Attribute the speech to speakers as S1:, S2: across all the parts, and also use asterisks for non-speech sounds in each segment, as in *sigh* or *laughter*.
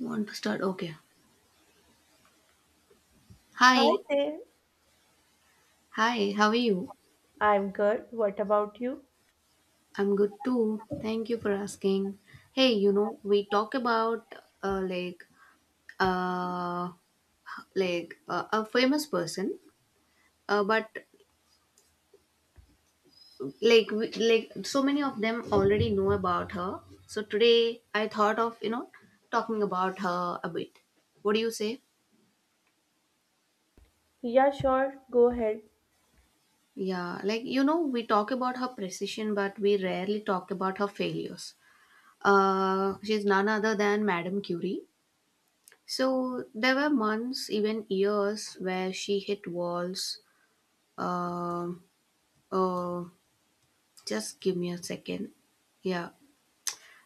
S1: Want to start? Okay.
S2: Hi
S1: Hi.
S2: there.
S1: Hi, how are you?
S2: I'm good. What about you?
S1: I'm good too. Thank you for asking. Hey, you know, we talk about uh, like uh like a famous person, but like so many of them already know about her. So today I thought of, you know, talking about her a bit. What do you say?
S2: Yeah, sure. Go ahead.
S1: Yeah, like you know, we talk about her precision, but we rarely talk about her failures. She's none other than Madame Curie. So there were months, even years, where she hit walls. Uh, uh, just give me a second. Yeah.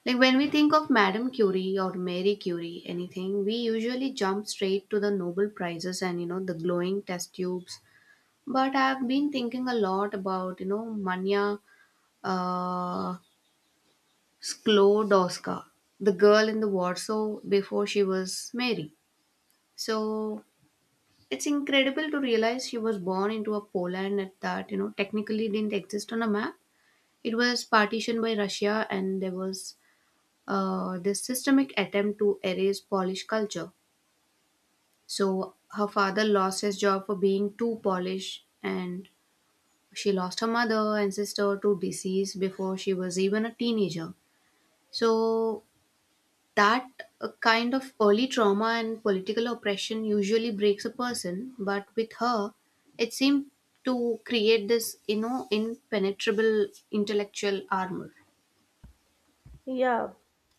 S1: Like when we think of Madame Curie or Mary Curie, anything, we usually jump straight to the Nobel Prizes and, you know, the glowing test tubes. But I've been thinking a lot about, you know, Manya uh, Sklodowska, the girl in the Warsaw before she was Mary. So it's incredible to realize she was born into a Poland at that, you know, technically didn't exist on a map. It was partitioned by Russia, and there was this systemic attempt to erase Polish culture. So her father lost his job for being too Polish, and she lost her mother and sister to disease before she was even a teenager. So that kind of early trauma and political oppression usually breaks a person, but with her it seemed to create this, you know, impenetrable intellectual armor.
S2: Yeah,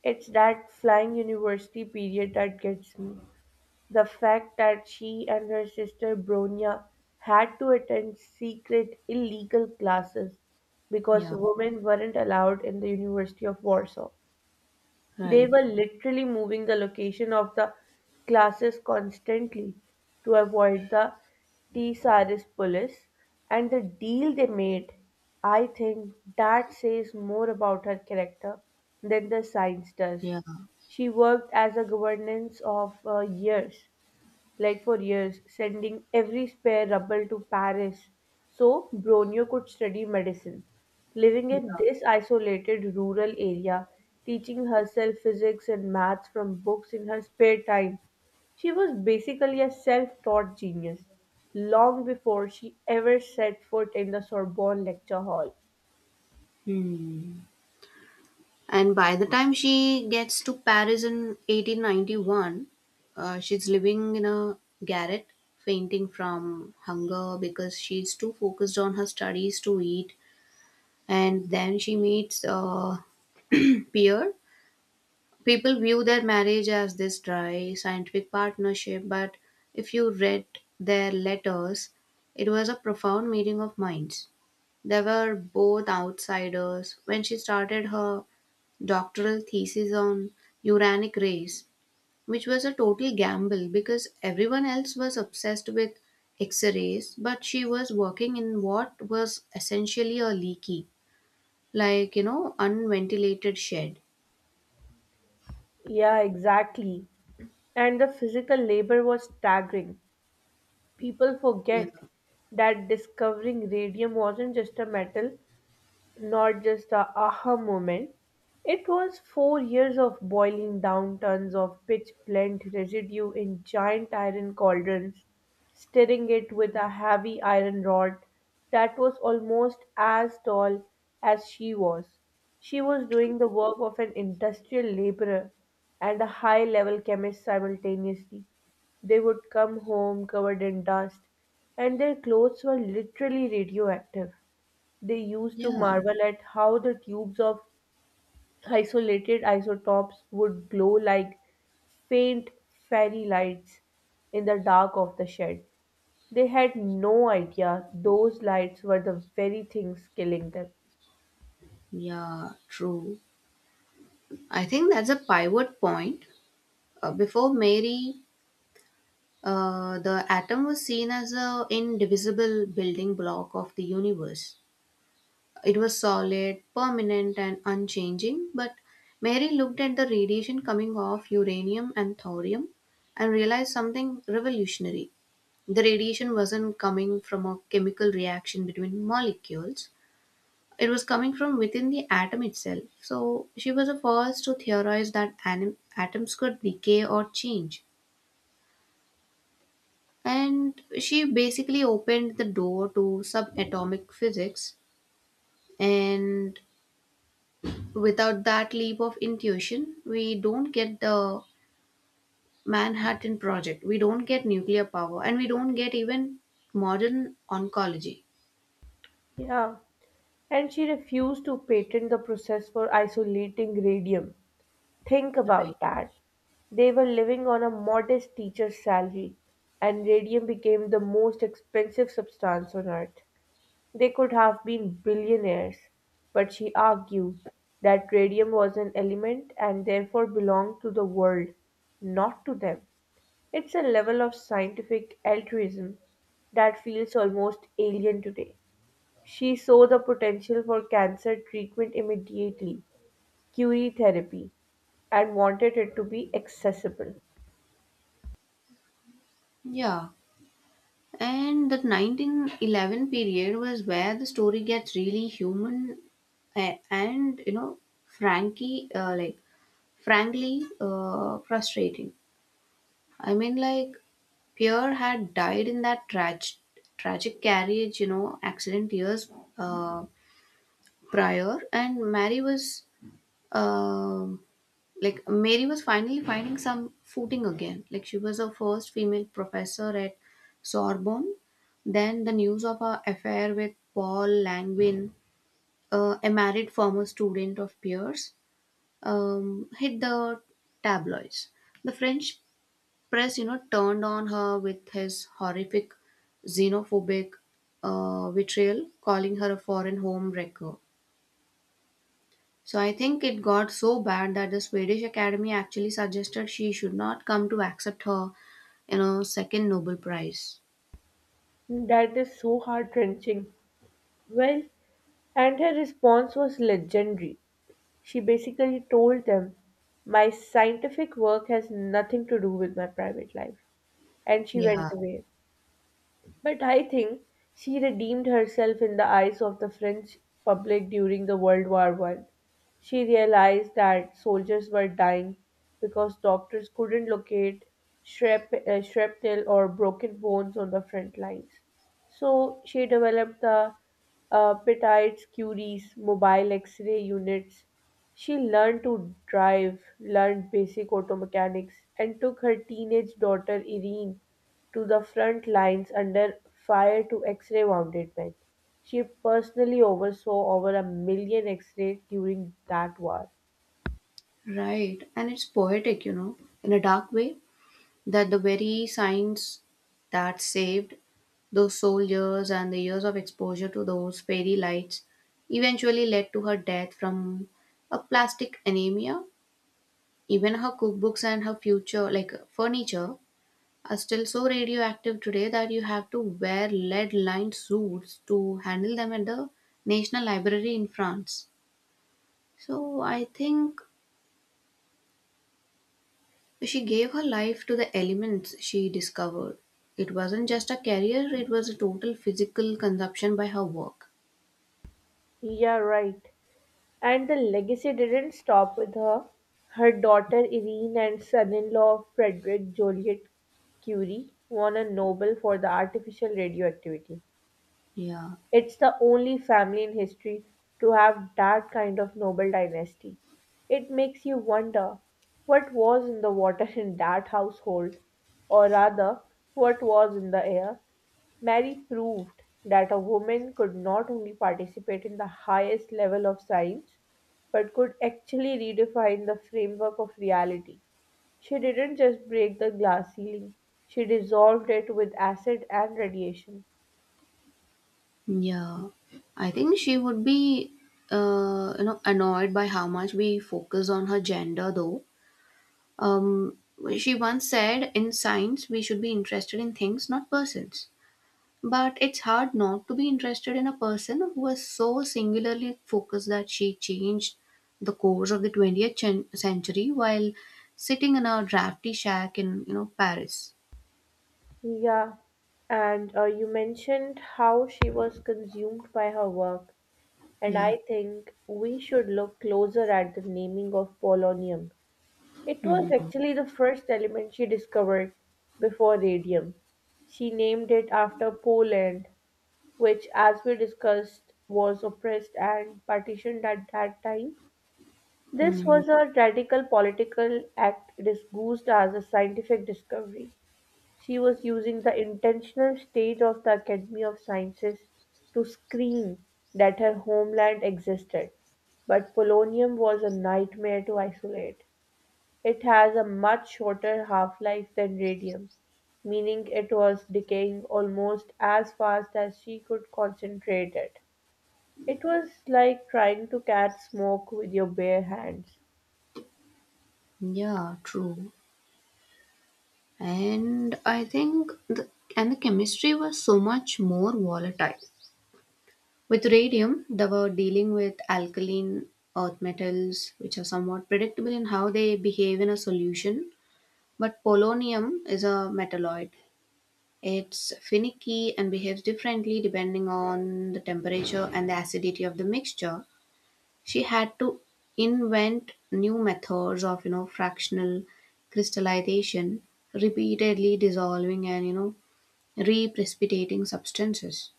S2: it's that flying university period that gets me. The fact that she and her sister Bronya had to attend secret illegal classes because
S1: Yeah.
S2: women weren't allowed in the University of Warsaw. They
S1: Right.
S2: were literally moving the location of the classes constantly to avoid the Tsarist police, and the deal they made, I think that says more about her character than the science does.
S1: Yeah,
S2: She worked as a governess of years, like for years, sending every spare ruble to Paris so Bronio could study medicine. Living in
S1: yeah.
S2: this isolated rural area, teaching herself physics and maths from books in her spare time, she was basically a self taught genius long before she ever set foot in the Sorbonne lecture hall.
S1: Hmm. And by the time she gets to Paris in 1891, she's living in a garret, fainting from hunger because she's too focused on her studies to eat. And then she meets Peer. People view their marriage as this dry, scientific partnership, but if you read their letters, it was a profound meeting of minds. They were both outsiders. When she started her doctoral thesis on uranic rays, which was a total gamble because everyone else was obsessed with X rays, but she was working in what was essentially a leaky, like, you know, unventilated shed.
S2: Yeah, exactly. And the physical labor was staggering. People
S1: Yeah.
S2: forget that discovering radium wasn't just a metal. Not just the aha moment, it was 4 years of boiling down tons of pitch blende residue in giant iron cauldrons, stirring it with a heavy iron rod that was almost as tall as she was. She was doing the work of an industrial laborer and a high level chemist simultaneously. They would come home covered in dust, and their clothes were literally radioactive. They used to
S1: Yeah.
S2: marvel at how the tubes of isolated isotopes would glow like faint fairy lights in the dark of the shed. They had no idea those lights were the very things killing them.
S1: Yeah, true. I think that's a pivot point. Before Mary, the atom was seen as a indivisible building block of the universe. It was solid, permanent, and unchanging. But Mary looked at the radiation coming off uranium and thorium and realized something revolutionary. The radiation wasn't coming from a chemical reaction between molecules, it was coming from within the atom itself. So she was the first to theorize that atoms could decay or change. And she basically opened the door to subatomic physics. And without that leap of intuition, we don't get the Manhattan Project, we don't get nuclear power, and we don't get even modern oncology.
S2: Yeah. And she refused to patent the process for isolating radium. Think
S1: Right.
S2: about that. They were living on a modest teacher's salary, and radium became the most expensive substance on earth. They could have been billionaires, but she argued that radium was an element and therefore belonged to the world, not to them. It's a level of scientific altruism that feels almost alien today. She saw the potential for cancer treatment immediately, Curie therapy, and wanted it to be accessible.
S1: Yeah. And the 1911 period was where the story gets really human and, you know, frankly, uh, like, frankly, frustrating. I mean, like, Pierre had died in that tragic carriage, you know, accident years uh, prior, and um like Mary was finally finding some footing again. Like she was the first female professor at Sorbonne. Then the news of her affair with Paul Langvin, a married former student of Pierce, hit the tabloids. The French press, you know, turned on her with his horrific xenophobic vitriol, calling her a foreign home wrecker. So I think it got so bad that the Swedish Academy actually suggested she should not come to accept her, you know, second Nobel Prize.
S2: That is so heart wrenching. Well, and her response was legendary. She basically told them, "My scientific work has nothing to do with my private life." And she went
S1: Yeah,
S2: away. But I think she redeemed herself in the eyes of the French public during the World War I. She realized that soldiers were dying because doctors couldn't locate shrapnel or broken bones on the front lines. So she developed the Petit's Curie's mobile X-ray units. She learned to drive, learned basic auto mechanics, and took her teenage daughter Irene to the front lines under fire to X-ray wounded men. She personally oversaw over 1,000,000 X-rays during that war.
S1: right. And it's poetic, you know, in a dark way, that the very science that saved those soldiers and the years of exposure to those fairy lights eventually led to her death from a plastic anemia. Even her cookbooks and her future, like furniture, are still so radioactive today that you have to wear lead lined suits to handle them at the National Library in France. So I think she gave her life to the elements she discovered. It wasn't just a career, it was a total physical consumption by her work.
S2: Yeah, right. And the legacy didn't stop with her. Her daughter Irene and son-in-law Frederick Joliet Curie won a Nobel for the artificial radioactivity.
S1: Yeah,
S2: It's the only family in history to have that kind of noble dynasty. It makes you wonder what was in the water *laughs* in that household, or rather, what was in the air. Mary proved that a woman could not only participate in the highest level of science, but could actually redefine the framework of reality. She didn't just break the glass ceiling, she dissolved it with acid and radiation.
S1: yeah. I think she would be, you know, annoyed by how much we focus on her gender, though. Um, she once said, "In science, we should be interested in things, not persons." But it's hard not to be interested in a person who was so singularly focused that she changed the course of the 20th century while sitting in a drafty shack in, you know, Paris.
S2: Yeah, and you mentioned how she was consumed by her work, and
S1: Yeah.
S2: I think we should look closer at the naming of polonium. It was actually the first element she discovered before radium. She named it after Poland, which, as we discussed, was oppressed and partitioned at that time. This
S1: Hmm.
S2: was a radical political act disguised as a scientific discovery. She was using the intentional stage of the Academy of Sciences to scream that her homeland existed, but polonium was a nightmare to isolate. It has a much shorter half life than radium, meaning it was decaying almost as fast as she could concentrate it. It was like trying to catch smoke with your bare hands.
S1: Yeah, true. And I think the and the chemistry was so much more volatile. With radium, they were dealing with alkaline earth metals, which are somewhat predictable in how they behave in a solution. But polonium is a metalloid. It's finicky and behaves differently depending on the temperature and the acidity of the mixture. She had to invent new methods of, you know, fractional crystallization, repeatedly dissolving and, you know, re-precipitating substances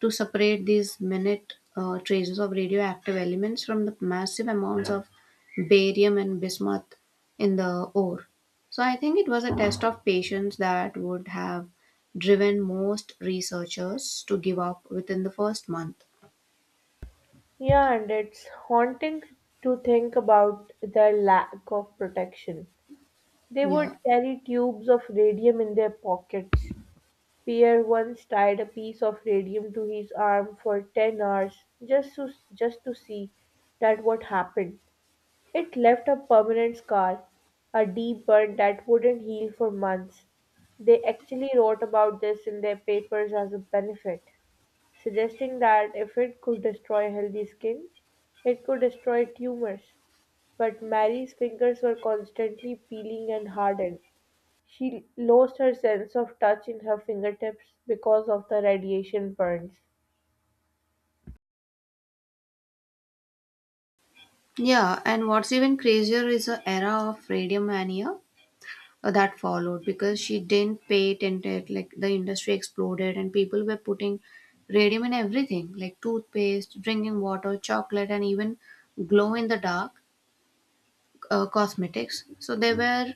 S1: to separate these minute traces of radioactive elements from the massive amounts of barium and bismuth in the ore. So I think it was a test of patience that would have driven most researchers to give up within the first month.
S2: Yeah, and it's haunting to think about their lack of protection. They would
S1: Yeah.
S2: carry tubes of radium in their pockets. Pierre once tied a piece of radium to his arm for 10 hours just to, just to see that what happened. It left a permanent scar, a deep burn that wouldn't heal for months. They actually wrote about this in their papers as a benefit, suggesting that if it could destroy healthy skin, it could destroy tumors. But Mary's fingers were constantly peeling and hardened. She lost her sense of touch in her fingertips because of the radiation burns.
S1: Yeah, and what's even crazier is the era of radiomania that followed, because she didn't pay it, like the industry exploded and people were putting radium in everything, like toothpaste, drinking water, chocolate, and even glow in the dark cosmetics. So there were,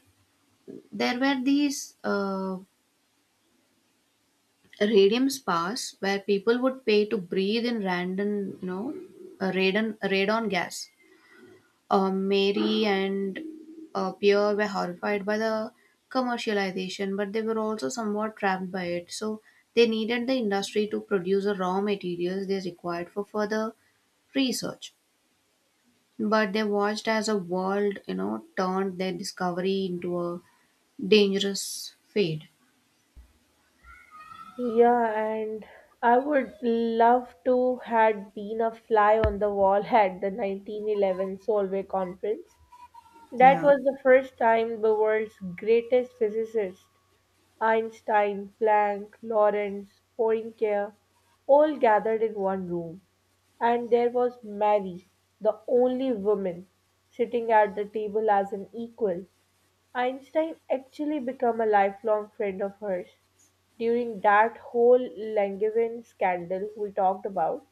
S1: these radium spas where people would pay to breathe in random, you know, uh, radon radon gas. Mary and Pierre were horrified by the commercialization, but they were also somewhat trapped by it. So they needed the industry to produce the raw materials they required for further research. But they watched as a world, you know, turned their discovery into a dangerous fade.
S2: Yeah, and I would love to had been a fly on the wall at the 1911 Solvay conference. That
S1: Yeah.
S2: was the first time the world's greatest physicists, Einstein, Planck, Lorentz, Poincare, all gathered in one room. And there was Mary, the only woman, sitting at the table as an equal. Einstein actually became a lifelong friend of hers. During that whole Langevin scandal we talked about,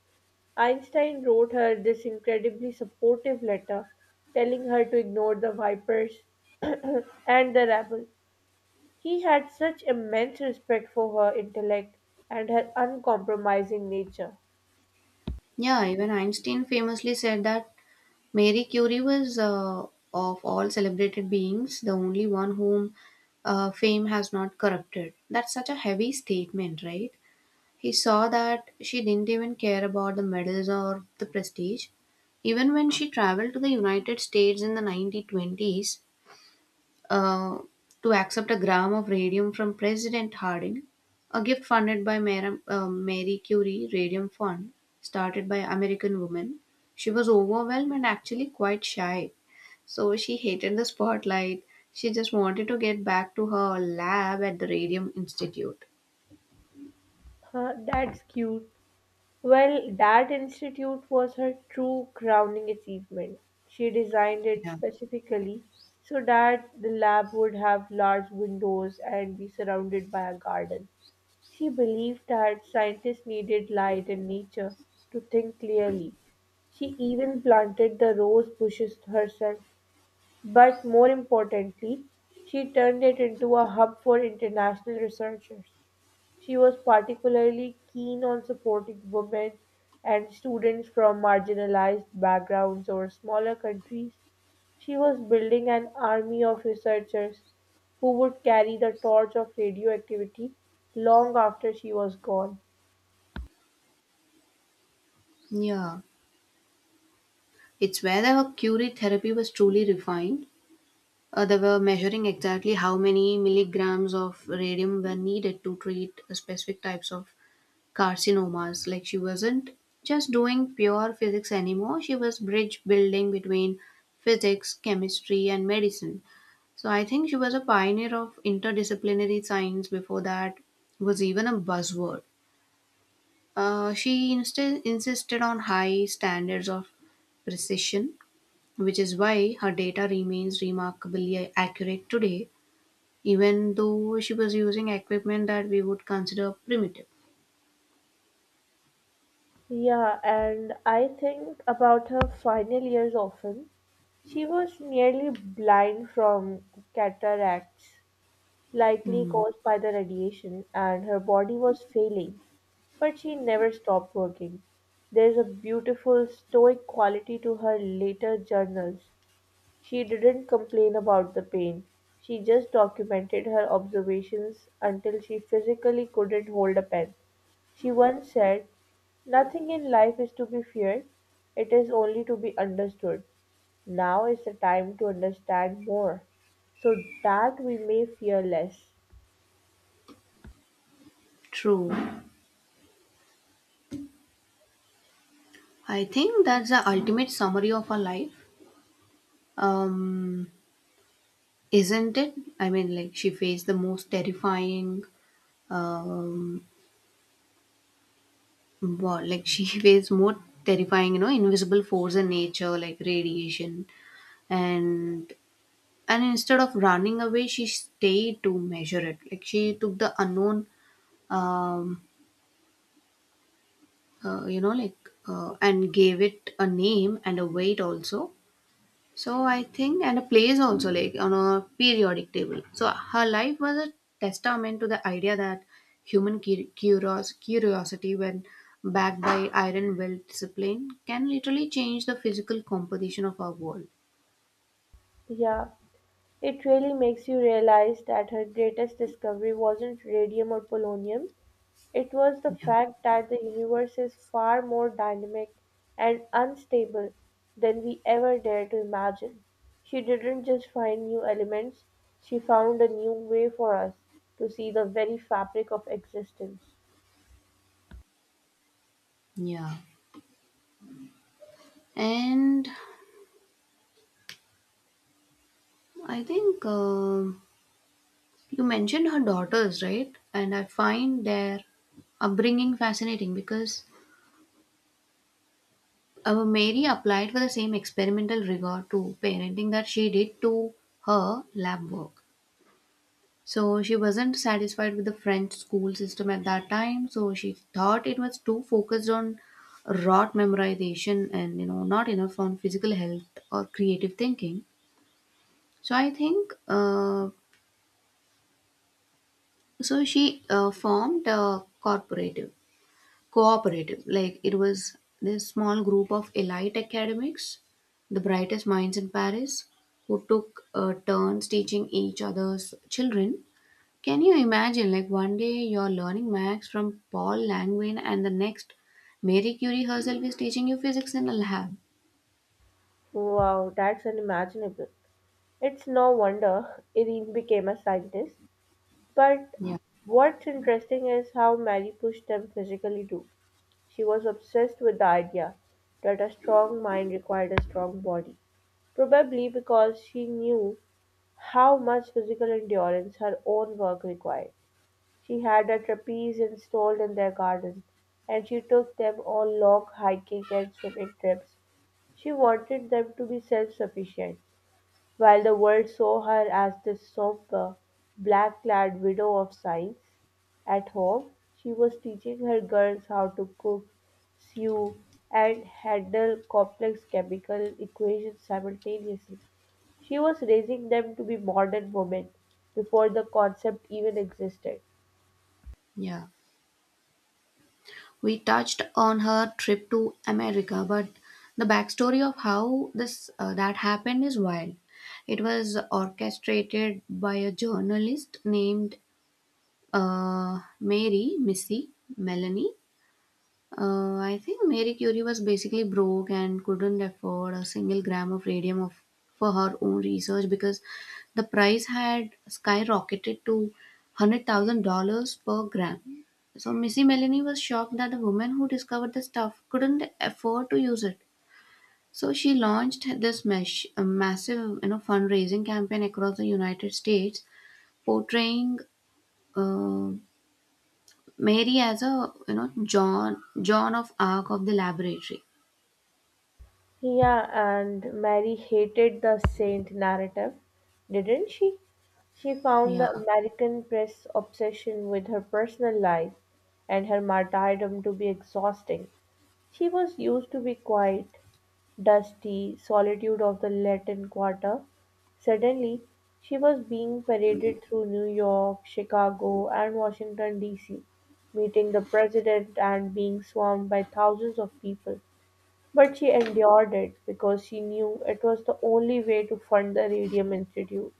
S2: Einstein wrote her this incredibly supportive letter telling her to ignore the vipers *clears throat* and the rabble. He had such immense respect for her intellect and her uncompromising nature.
S1: Yeah, even Einstein famously said that Mary Curie was, of all celebrated beings, the only one whom fame has not corrupted. That's such a heavy statement, right? He saw that she didn't even care about the medals or the prestige. Even when she traveled to the United States in the 1920s, uh, to accept a gram of radium from President Harding, a gift funded by Mary Curie Radium Fund, started by American women, she was overwhelmed and actually quite shy. So she hated the spotlight. She just wanted to get back to her lab at the Radium Institute.
S2: Huh, that's cute. Well, that institute was her true crowning achievement. She designed it specifically so that the lab would have large windows and be surrounded by a garden. She believed that scientists needed light and nature to think clearly. She even planted the rose bushes herself. But more importantly, she turned it into a hub for international researchers. She was particularly keen on supporting women and students from marginalized backgrounds or smaller countries. She was building an army of researchers who would carry the torch of radioactivity long after she was gone.
S1: Yeah, it's where her Curie therapy was truly refined. They were measuring exactly how many milligrams of radium were needed to treat specific types of carcinomas. Like she wasn't just doing pure physics anymore, she was bridge building between physics, chemistry, and medicine. So I think she was a pioneer of interdisciplinary science before that was even a buzzword. She insisted on high standards of precision, which is why her data remains remarkably accurate today, even though she was using equipment that we would consider primitive.
S2: Yeah, and I think about her final years often. She was nearly blind from cataracts, likely caused by the radiation, and her body was failing. But she never stopped working. There's a beautiful, stoic quality to her later journals. She didn't complain about the pain. She just documented her observations until she physically couldn't hold a pen. She once said, "Nothing in life is to be feared, it is only to be understood. Now is the time to understand more, so that we may fear less."
S1: True. I think that's the ultimate summary of her life. Um, isn't it? I mean, like, she faced the most terrifying, um, wow, like she *laughs* faces more terrifying, you know, invisible force in nature, like radiation, and and instead of running away, she stayed to measure it. Like she took the unknown, um, you know, like and gave it a name and a weight also. So I think, and a plays also, like on a periodic table. So her life was a testament to the idea that human curiosity, when backed by iron will discipline, can literally change the physical composition of our world.
S2: Yeah, it really makes you realize that her greatest discovery wasn't radium or polonium, it was the
S1: Yeah,
S2: fact that the universe is far more dynamic and unstable than we ever dare to imagine. She didn't just find new elements, she found a new way for us to see the very fabric of existence.
S1: yeah. And I think you mentioned her daughters, right? And I find their upbringing fascinating because Mary applied for the same experimental rigor to parenting that she did to her lab work. So she wasn't satisfied with the French school system at that time. So she thought it was too focused on rote memorization and, you know, not enough on physical health or creative thinking. So I think so she formed a corporative. Cooperative. Like it was this small group of elite academics, the brightest minds in Paris, who took turns teaching each other's children. Can you imagine? Like one day you're learning maths from Paul Langevin, and the next Marie Curie herself is teaching you physics in a lab.
S2: Wow, that's unimaginable. It's no wonder Irene became a scientist. But
S1: Yeah,
S2: what's interesting is how Mary pushed them physically too. She was obsessed with the idea that a strong mind required a strong body, probably because she knew how much physical endurance her own work required. She had a trapeze installed in their garden, and she took them on long hiking and swimming trips. She wanted them to be self sufficient, while the world saw her as this somber, black clad widow of science. At home, she was teaching her girls how to cook, sew, and handle complex chemical equations simultaneously. She was raising them to be modern women before the concept even existed.
S1: yeah. We touched on her trip to America, but the backstory of how this that happened is wild. It was orchestrated by a journalist named Mary Missy Melanie. I think Mary Curie was basically broke and couldn't afford a single gram of radium of, for her own research because the price had skyrocketed to $100,000 per gram. So Missy Melanie was shocked that the woman who discovered the stuff couldn't afford to use it. So she launched this a massive, you know, fundraising campaign across the United States, portraying uh, Mary as a, you know, John of Arc of the laboratory.
S2: Yeah, and Mary hated the saint narrative, didn't she? She found
S1: Yeah,
S2: the American press obsession with her personal life and her martyrdom to be exhausting. She was used to be quiet, dusty solitude of the Latin Quarter. Suddenly, she was being paraded through New York, Chicago, and Washington, D.C., meeting the president and being swarmed by thousands of people. But she endured it because she knew it was the only way to fund the Radium Institute.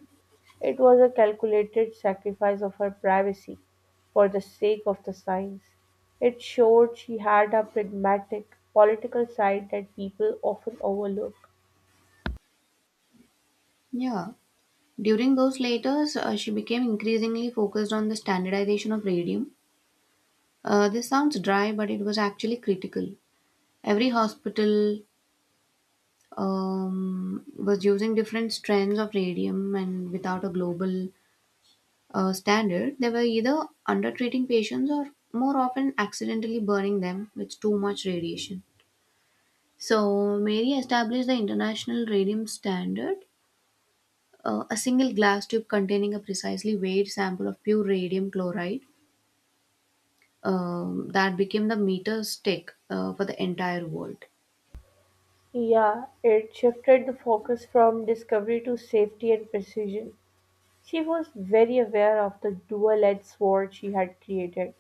S2: It was a calculated sacrifice of her privacy for the sake of the science. It showed she had a pragmatic, political side that people often overlook.
S1: yeah. During those letters, she became increasingly focused on the standardization of radium. This sounds dry, but it was actually critical. Every hospital was using different strands of radium, and without a global standard, they were either undertreating patients or more often accidentally burning them with too much radiation. So, Mary established the International Radium Standard, a single glass tube containing a precisely weighed sample of pure radium chloride, that became the meter stick for the entire world.
S2: Yeah, it shifted the focus from discovery to safety and precision. She was very aware of the dual edged sword she had created.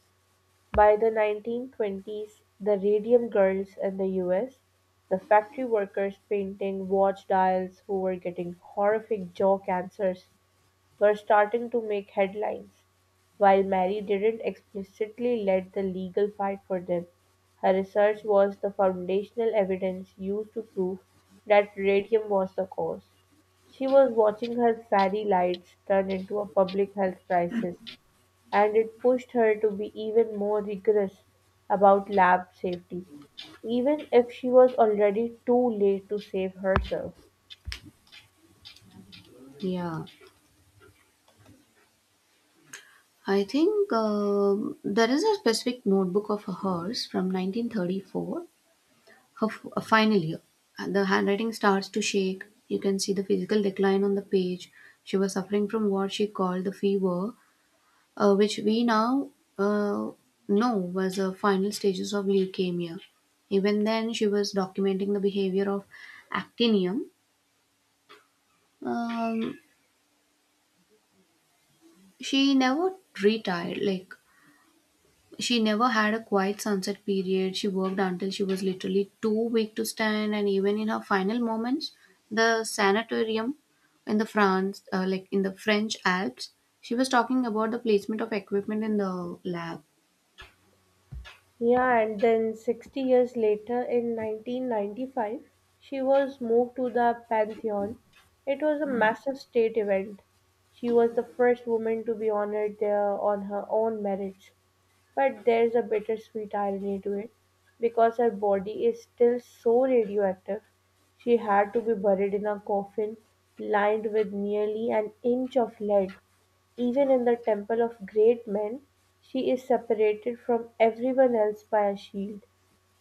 S2: By the 1920s, the "radium girls" in the US, the factory workers painting watch dials who were getting horrific jaw cancers, were starting to make headlines. While Mary didn't explicitly lead the legal fight for them, her research was the foundational evidence used to prove that radium was the cause. She was watching her fairy lights turn into a public health crisis and it pushed her to be even more rigorous about lab safety, even if she was already too late to save herself.
S1: Yeah, I think there is a specific notebook of hers from 1934, her final year. And the handwriting starts to shake. You can see the physical decline on the page. She was suffering from what she called the fever, which we now uh, know was the final stages of leukemia. Even then, she was documenting the behavior of actinium. Um, she never retired, like, she never had a quiet sunset period. She worked until she was literally too weak to stand, and even in her final moments, the sanatorium in the France, like in the French Alps, she was talking about the placement of equipment in the lab.
S2: Yeah, and then 60 years later in 1995, she was moved to the Pantheon. It was a massive state event. She was the first woman to be honored there on her own merits. But there's a bittersweet irony to it. Because her body is still so radioactive, she had to be buried in a coffin lined with nearly an inch of lead. Even in the temple of great men, she is separated from everyone else by a shield.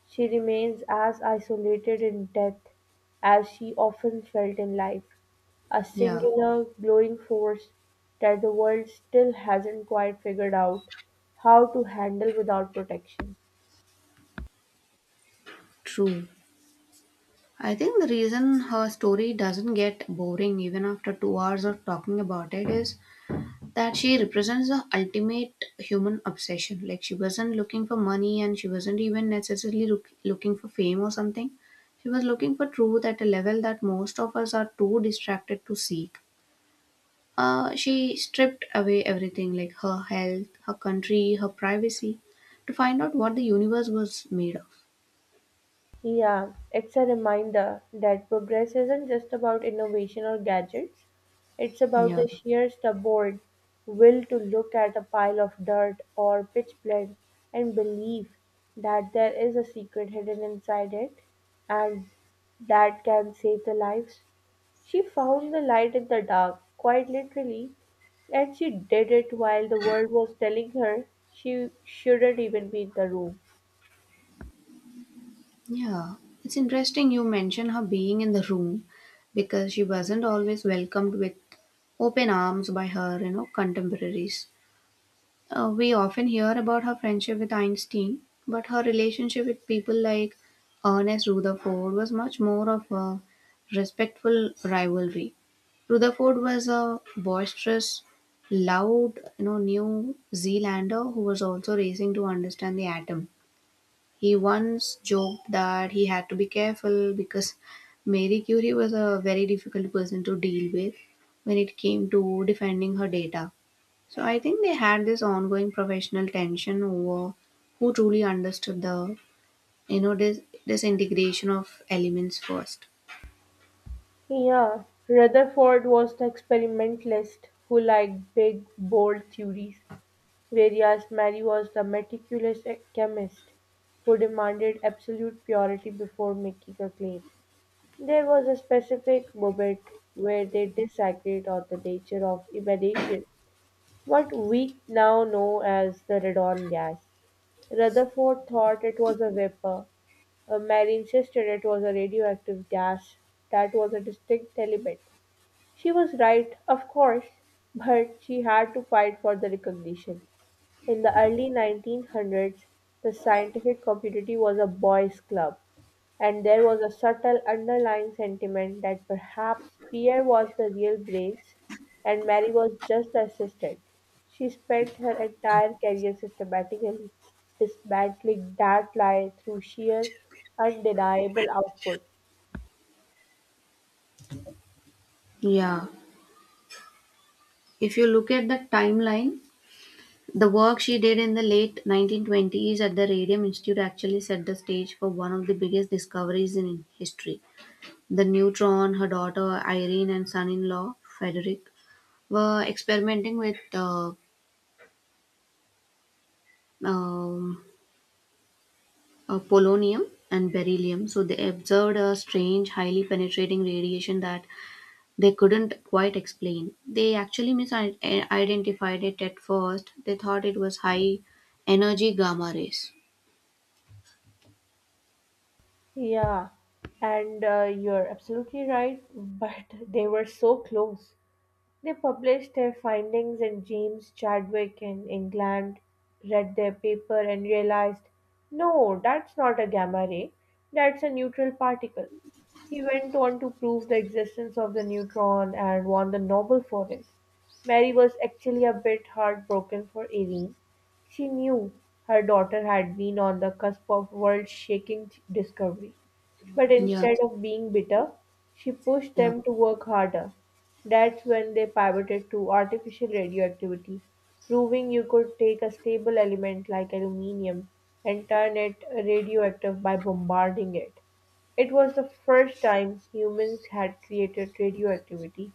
S2: She remains as isolated in death as she often felt in life, a
S1: Yeah,
S2: singular, glowing force that the world still hasn't quite figured out how to handle without protection.
S1: true. I think the reason her story doesn't get boring even after 2 hours of talking about it is that she represents the ultimate human obsession. Like, she wasn't looking for money and she wasn't even necessarily looking for fame or something. She was looking for truth at a level that most of us are too distracted to seek. She stripped away everything, like her health, her country, her privacy, to find out what the universe was made of.
S2: Yeah, it's a reminder that progress isn't just about innovation or gadgets. It's about
S1: Yeah.
S2: the sheer stubborn will to look at a pile of dirt or pitch blend and believe that there is a secret hidden inside it and that can save the lives. She found the light in the dark, quite literally, and she did it while the world was telling her she shouldn't even be in the room.
S1: Yeah, it's interesting you mention her being in the room because she wasn't always welcomed with open arms by her, you know, contemporaries. We often hear about her friendship with Einstein, but her relationship with people like Ernest Rutherford was much more of a respectful rivalry. Rutherford was a boisterous, loud, you know, New Zealander who was also racing to understand the atom. He once joked that he had to be careful because Marie Curie was a very difficult person to deal with when it came to defending her data. So I think they had this ongoing professional tension over who truly understood the you know this disintegration of elements first.
S2: Yeah, Rutherford was the experimentalist who liked big, bold theories, whereas Mary was the meticulous chemist who demanded absolute purity before making a claim. There was a specific moment where they disagreed on the nature of emanation, what we now know as the radon gas. Rutherford thought it was a vapor. Mary insisted it was a radioactive gas. That was a distinct element. She was right, of course, but she had to fight for the recognition. In the early 1900s, the scientific community was a boys' club, and there was a subtle underlying sentiment that perhaps Pierre was the real brains and Mary was just the assistant. She spent her entire career systematically dismantling that lie through sheer, undeniable output.
S1: Yeah. If you look at the timeline, the work she did in the late 1920s at the Radium Institute actually set the stage for one of the biggest discoveries in history. The Neutron, her daughter Irene, and son-in-law Frederick were experimenting with um, polonium and beryllium. So they observed a strange, highly penetrating radiation that they couldn't quite explain. They actually misidentified it at first. They thought it was high energy gamma rays.
S2: Yeah, and you're absolutely right, but *laughs* they were so close. They published their findings, and James Chadwick in England read their paper and realized no, that's not a gamma ray, that's a neutral particle. He went on to prove the existence of the neutron and won the Nobel for it. Mary was actually a bit heartbroken for Irene. She knew her daughter had been on the cusp of world shaking discovery. But
S1: Yeah,
S2: instead of being bitter, she pushed
S1: yeah,
S2: them to work harder. That's when they pivoted to artificial radioactivity, proving you could take a stable element like aluminium and turn it radioactive by bombarding it. It was the first time humans had created radioactivity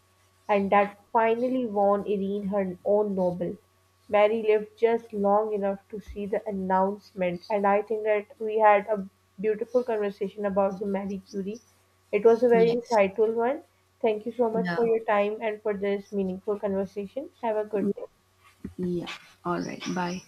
S2: and that finally won Irene her own Nobel. Mary lived just long enough to see the announcement, and I think that we had a beautiful conversation about the Marie Curie. It was a very
S1: yes,
S2: insightful one. Thank you so much for
S1: yeah,
S2: your time and for this meaningful conversation. Have a good day.
S1: yeah. All right, bye.